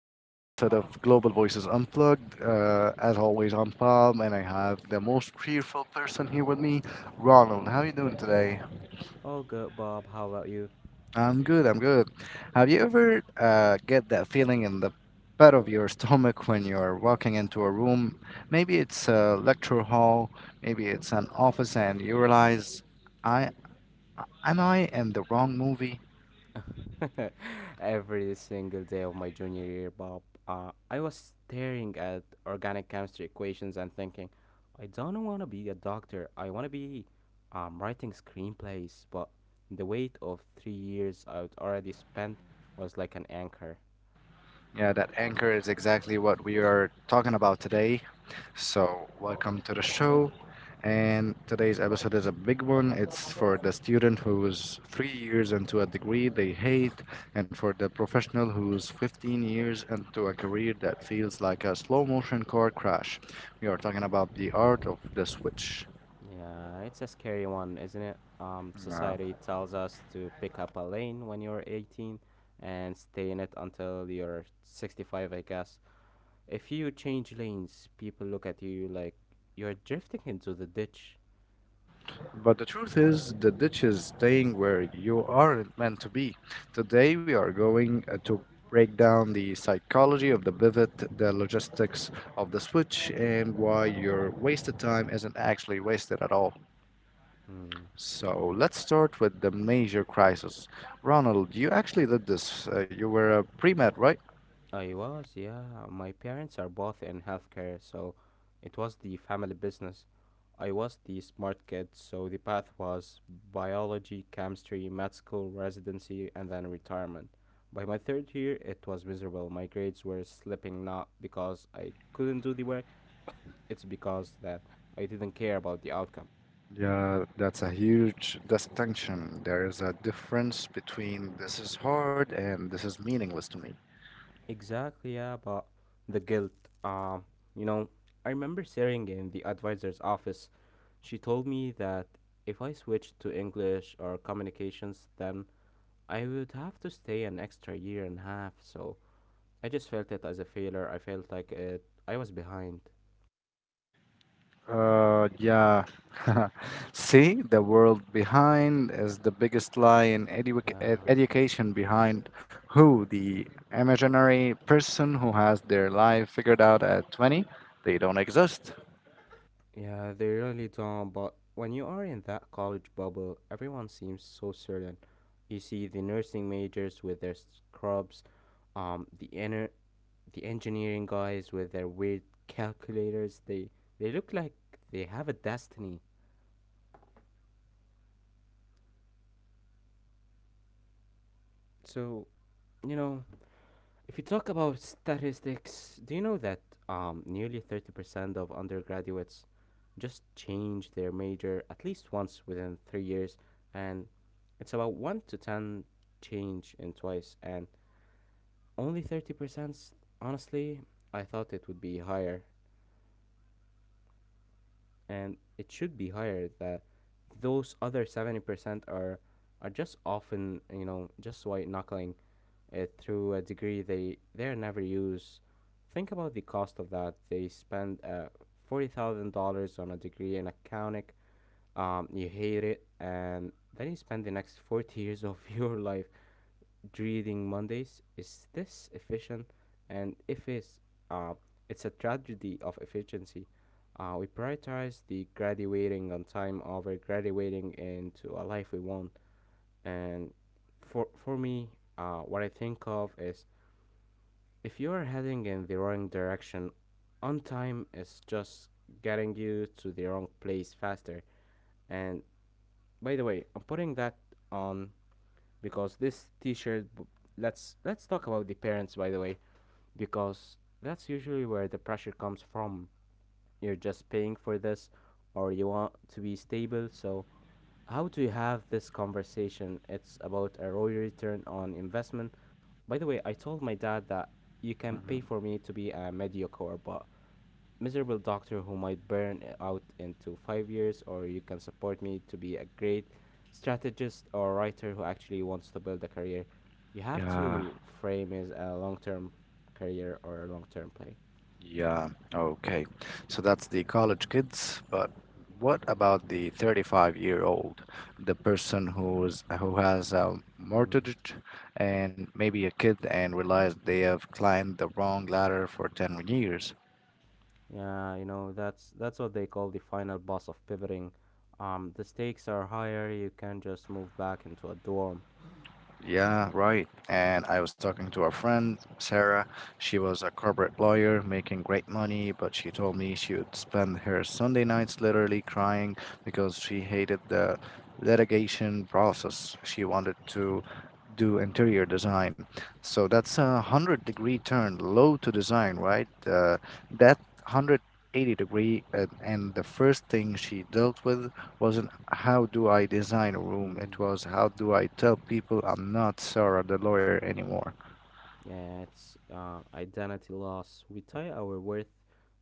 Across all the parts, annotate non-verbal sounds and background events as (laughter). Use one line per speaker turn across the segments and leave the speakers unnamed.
new episode of Global Voices Unplugged. As always, I'm Bob, and I have the most cheerful person here with me, Ronald. How are you doing today?
All good, Bob. How about you?
I'm good, I'm good. Have you ever get that feeling in the pit of your stomach when you're walking into a room? Maybe it's a lecture hall, maybe it's an office, and you realize, I am I in the wrong movie?
(laughs) Every single day of my junior year, Bob, I was staring at organic chemistry equations and thinking, I don't want to be a doctor. I want to be writing screenplays. But the weight of 3 years I'd already spent was like an anchor.
Yeah, that anchor is exactly what we are talking about today. So, welcome to the show. And today's episode is a big one. It's for the student who's three years into a degree they hate, and for the professional who's 15 years into a career that feels like a slow motion car crash. We are talking about the art of the switch.
Yeah, it's a scary one, isn't it?
Uh,
Society tells us to pick up a lane when you're 18 and stay in it until you're 65, I guess. If you change lanes, people look at you like you're drifting into the ditch.
But the truth is, the ditch is staying where you aren't meant to be. Today, we are going to break down the psychology of the pivot, the logistics of the switch, and why your wasted time isn't actually wasted at all.
Mm, yeah.
So, let's start with the major crisis. Ronald, you actually did this. You were a pre med, right?
I was, yeah. My parents are both in healthcare, so it was the family business. I was the smart kid, so the path was biology, chemistry, med school, residency, and then retirement. By my third year, it was miserable. My grades were slipping not because I couldn't do the work, it's because that I didn't care about the outcome.
Yeah, that's a huge distinction. There is a difference between this is hard and this is meaningless to me.
Exactly, yeah, but the guilt. Um, you know, I remember staring in the advisor's office. She told me that if I switched to English or communications, then I would have to stay an extra year and a half. So I just felt it as a failure. I felt like I was behind.
Yeah. (laughs) See, the world behind is the biggest lie in
Yeah,
education behind who? The imaginary person who has their life figured out at 20? They don't exist.
yeah, they really don't. But when you are in that college bubble, everyone seems so certain. You see the nursing majors with their scrubs, um, the inner the engineering guys with their weird calculators they look like they have a destiny, so you know, if you talk about statistics, do you know that nearly 30% of undergraduates just change their major at least once within 3 years, and it's about 1 to 10 change in twice, and only 30%? Honestly, I thought it would be higher, and it should be higher. That those other 70% are just often, you know, just white knuckling it through a degree they never use. Think about the cost of that. They spend $40,000 on a degree in accounting, you hate it, and then you spend the next 40 years of (laughs) your life reading Mondays. Is this efficient? And if it's, uh, it's a tragedy of efficiency. We prioritize the graduating on time over graduating into a life we want. And for me, what I think of is, if you are heading in the wrong direction, on time is just getting you to the wrong place faster. And by the way, I'm putting that on because this t-shirt let's talk about the parents, by the way, because that's usually where the pressure comes from. You're just paying for this, or you want to be stable. So how do you have this conversation? It's about a ROI, return on investment. By the way, I told my dad that you can pay for me to be a mediocre but miserable doctor who might burn out into 5 years, or you can support me to be a great strategist or writer who actually wants to build a career. You have
Yeah.
to frame as a long term career or a long term play.
Yeah, okay. So that's the college kids, but what about the 35-year-old, the person who has a
Mm.
mortgage and maybe a kid and realized they have climbed the wrong ladder for 10 years?
Yeah, you know, that's what they call the final boss of pivoting. The stakes are higher. You can just move back into a dorm.
Yeah, right. And I was talking to a friend, Sarah. She was a corporate lawyer making great money, but she told me she would spend her Sunday nights literally crying because she hated the litigation process. She wanted to do interior design. So that's a 100-degree turn, low to design, right? That 180 degree, and the first thing she dealt with was how do I design a room? It
Mm.
was how do I tell people I'm not Sarah the lawyer anymore?
Yeah, it's identity loss. We tie our worth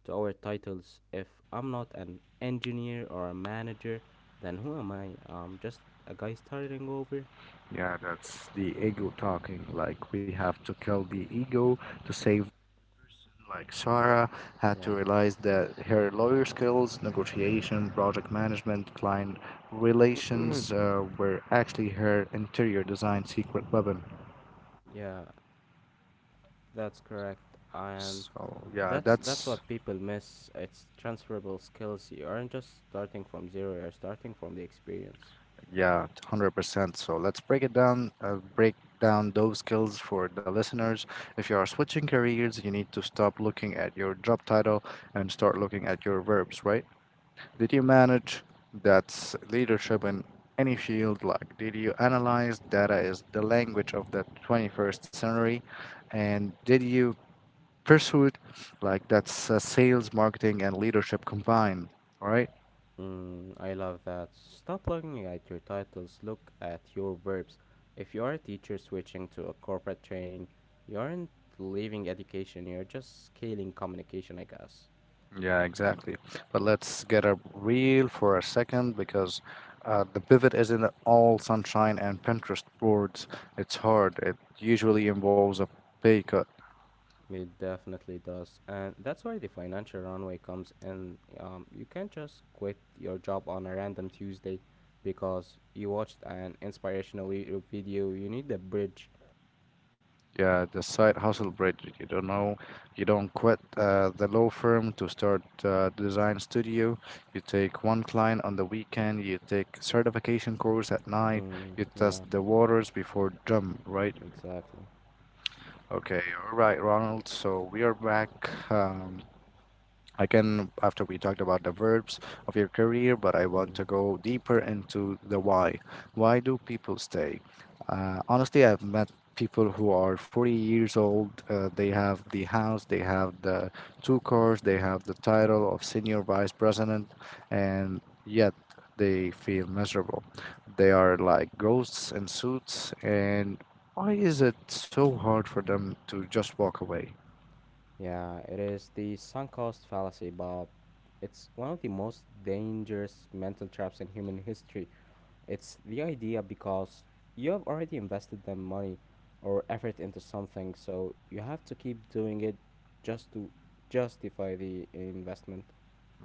to our titles. If I'm not an engineer or a manager, then who am I? Just a guy starting over.
Yeah, that's the ego talking. Like we have to kill the ego to save. Like Sarah had to
Yeah,
realize that her lawyer skills, negotiation, project management, client relations
(coughs)
were actually her interior design secret weapon.
(clears throat) yeah, that's correct. And
So yeah,
that's
that's
what people miss. It's transferable skills. You aren't just starting from zero. You're starting from the experience.
Yeah, 100%. So let's break down those skills for the listeners. If you are switching careers, you need to stop looking at your job title and start looking at your verbs, right? Did you manage? That's leadership in any field. Like, did you analyze data is the language of the 21st century? And did you pursue it? Like, that's sales, marketing, and leadership combined, right?
Mm, I love that. Stop looking at your titles, look at your verbs. If you are a teacher switching to a corporate training, you aren't leaving education, you're just scaling communication, I guess.
Yeah, exactly. But let's get up real for a second because the pivot isn't all sunshine and Pinterest boards. It's hard. It usually involves a pay cut.
It definitely does. And that's where the financial runway comes in. You can't just quit your job on a random Tuesday because you watched an inspirational YouTube video. You need a bridge.
Yeah, the side hustle bridge. You don't know, you don't quit the law firm to start design studio. You take one client on the weekend. You take certification course at night.
Mm,
You
yeah,
test the waters before jump, right?
exactly.
Okay, all right, Ronald. So we are back. I can, after we talked about the verbs of your career, but I want
Mm.
to go deeper into the why. Why do people stay? Honestly, I've met people who are 40 years old. They have the house, they have the two cars, they have the title of senior vice president, and yet they feel miserable. They are like ghosts in suits, and why is it so hard for them to just walk away?
Yeah, it is the sunk cost fallacy, Bob. It's one of the most dangerous mental traps in human history. It's the idea because you have already invested the money or effort into something, so you have to keep doing it just to justify the investment.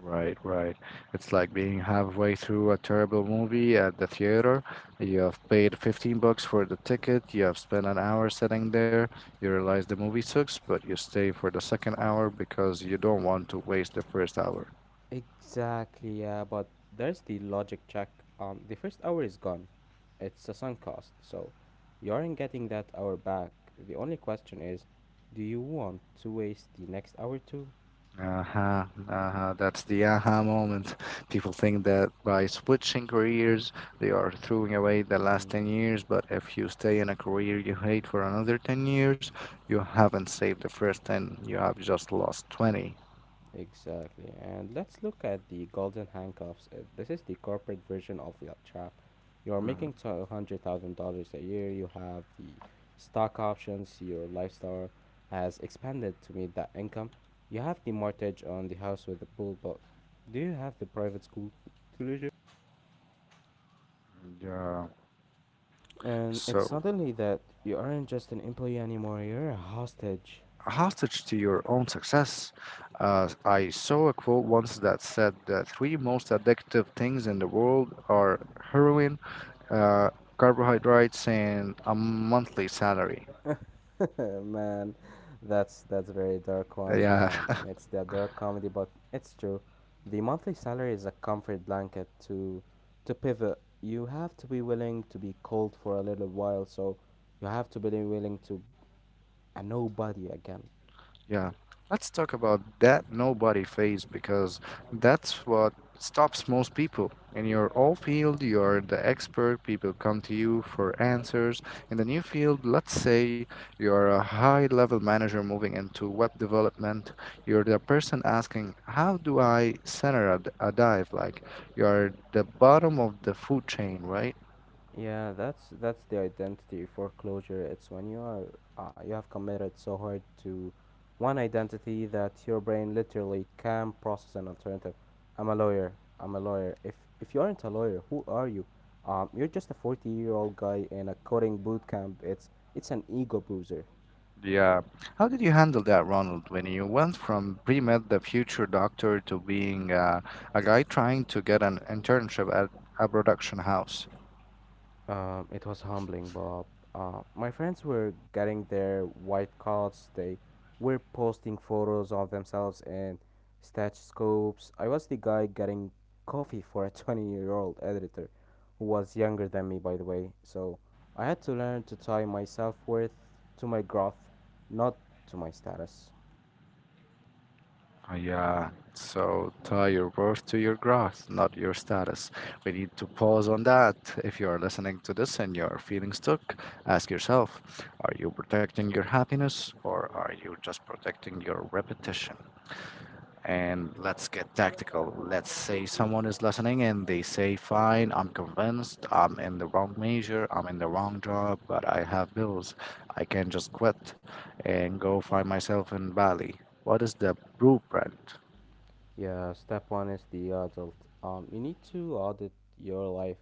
Right, right. It's like being halfway through a terrible movie at the theater. You have paid 15 bucks for the ticket, you have spent an hour sitting there, you realize the movie sucks, but you stay for the second hour because you don't want to waste the first hour.
Exactly, yeah, but there's the logic check. The first hour is gone. It's a sunk cost, so you aren't getting that hour back. The only question is, do you want to waste the next hour too?
Uh-huh, uh-huh. That's the aha moment. (laughs) People think that by switching careers, they are throwing away the last
Mm.
10 years, but if you stay in a career you hate for another 10 years, you haven't saved the first 10, you have just lost 20.
Exactly. And let's look at the golden handcuffs. This is the corporate version of the trap. You are
Mhm.
making $200,000 a year. You have the stock options. Your lifestyle has expanded to meet that income. You have the mortgage on the house with the pool, but do you have the private school to live in?
Yeah.
And it's
So,
suddenly that you aren't just an employee anymore. You're a hostage.
hostage to your own success. I saw a quote once that said the three most addictive things in the world are heroin, uh, carbohydrates, and a monthly salary.
(laughs) Man, that's a very dark one.
Yeah, (laughs)
It's the dark comedy, but it's true. The monthly salary is a comfort blanket to pivot. You have to be willing to be cold for a little while, so you have to be willing to a nobody again.
yeah, let's talk about that nobody phase because that's what stops most people. In your old field, you're the expert, people come to you for answers. In the new field, let's say you're a high level manager moving into web development, you're the person asking, how do I center a dive? Like, you're the bottom of the food chain, right?
Yeah, that's the identity foreclosure. It's when you are you have committed so hard to one identity that your brain literally can't process an alternative. I'm a lawyer. I'm a lawyer. If you aren't a lawyer, who are you? You're just a 40 year old guy in a coding boot camp. It's an ego bruiser.
Yeah. How did you handle that, Ronald, when you went from pre-med, the future doctor, to being a guy trying to get an internship at a production house?
It was humbling, Bob. My friends were getting their white coats. They were posting photos of themselves in stethoscopes. I was the guy getting coffee for a (laughs) 20-year-old editor who was younger than me, by the way. So I had to learn to tie my self worth to my growth, not to my status.
Yeah. So tie your worth to your growth, not your status. We need to pause on that. If you are listening to this and you are feeling stuck, ask yourself, are you protecting your happiness or are you just protecting your repetition? And let's get tactical. Let's say someone is listening and they say, fine, I'm convinced I'm in the wrong major, I'm in the wrong job, but I have bills. I can just quit and go find myself in Bali. What is the blueprint?
Yeah, step one is the adult. You need to audit your life.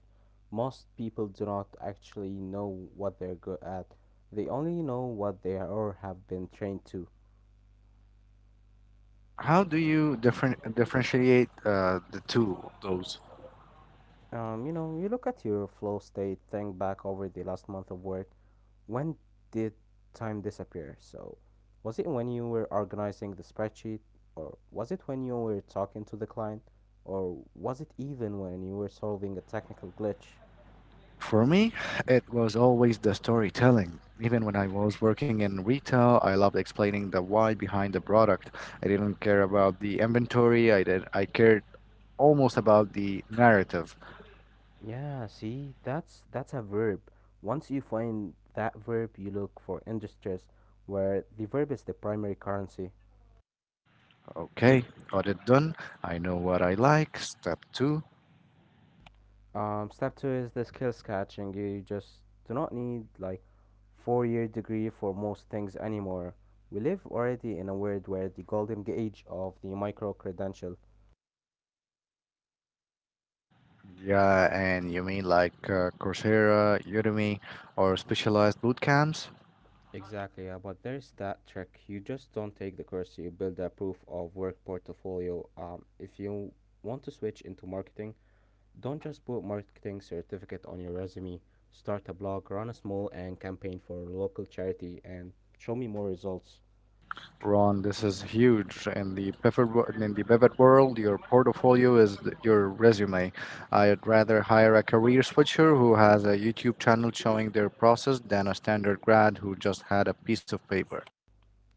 Most people do not actually know what they're good at. They only know what they are or have been trained to.
How do you differentiate the two of those?
You know, you look at your flow state, think back over the last month of work. When did time disappear? So, was it when you were organizing the spreadsheet, or was it when you were talking to the client, or was it even when you were solving a technical glitch?
For me, it was always the storytelling. Even when I was working in retail, I loved explaining the why behind the product. I didn't care about the inventory. I did. I cared almost about the narrative.
Yeah, see, that's a verb. Once you find that verb, you look for industries where the verb is the primary currency.
Okay, got it done. I know what I like. Step two.
Step two is the skills catching. You just do not need like four-year degree for most things anymore. We live already in a world where the golden age of the micro credential.
Yeah, and you mean like Coursera, Udemy, or specialized boot camps?
Exactly, yeah, but there's that trick. You just don't take the course, you build a proof of work portfolio. If you want to switch into marketing, don't just put marketing certificate on your resume. Start a blog, run a small and campaign for a local charity, and show me more results.
Ron, this is huge. In the Pivot world, your portfolio is your resume. I'd rather hire a career switcher who has a YouTube channel showing their process than a standard grad who just had a piece of paper.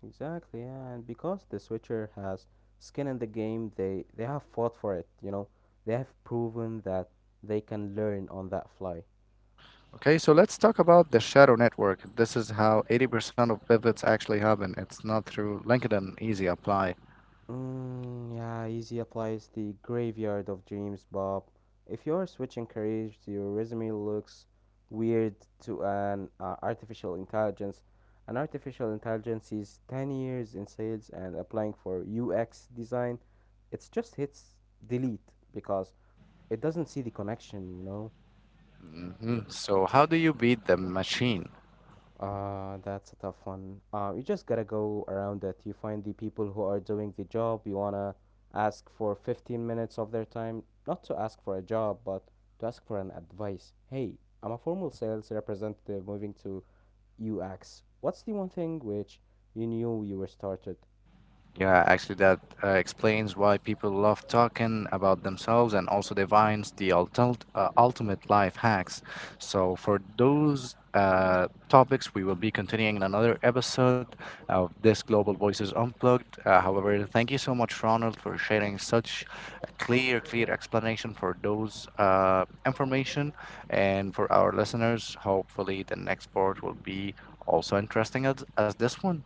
Exactly, yeah. And because the Switcher has skin in the game, they have fought for it, you know. They have proven that they can learn on that fly.
Okay, so let's talk about the shadow network. This is how 80% of pivots actually happen. It's not through LinkedIn Easy Apply.
Mm, yeah, easy applies the graveyard of dreams, Bob. If you're switching careers, your resume looks weird to an artificial intelligence. An artificial intelligence is 10 years in sales and applying for UX design. It just hits delete because it doesn't see the connection, you know?
Mhm. So, how do you beat the machine?
That's a tough one. You just gotta go around it. You find the people who are doing the job. You wanna ask for 15 minutes of their time, not to ask for a job, but to ask for an advice. Hey, I'm a formal sales representative moving to UX. What's the one thing which you knew you were started?
Yeah, actually, that explains why people love talking about themselves and also divines the ultimate life hacks. So, for those topics, we will be continuing in another episode of this Global
Mm.
Voices Unplugged. However, thank you so much, Ronald, for sharing such a clear explanation for those information. And for our listeners, hopefully, the next part will be also interesting as this one.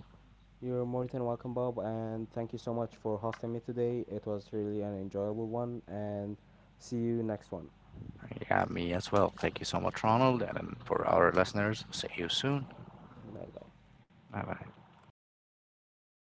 You're more than welcome, Bob, and thank you so much for hosting me today. It was really an enjoyable one, and see you next one.
Yeah, me as well. Thank you so much, Ronald. And for our listeners, see you soon.
Bye bye.
Bye bye.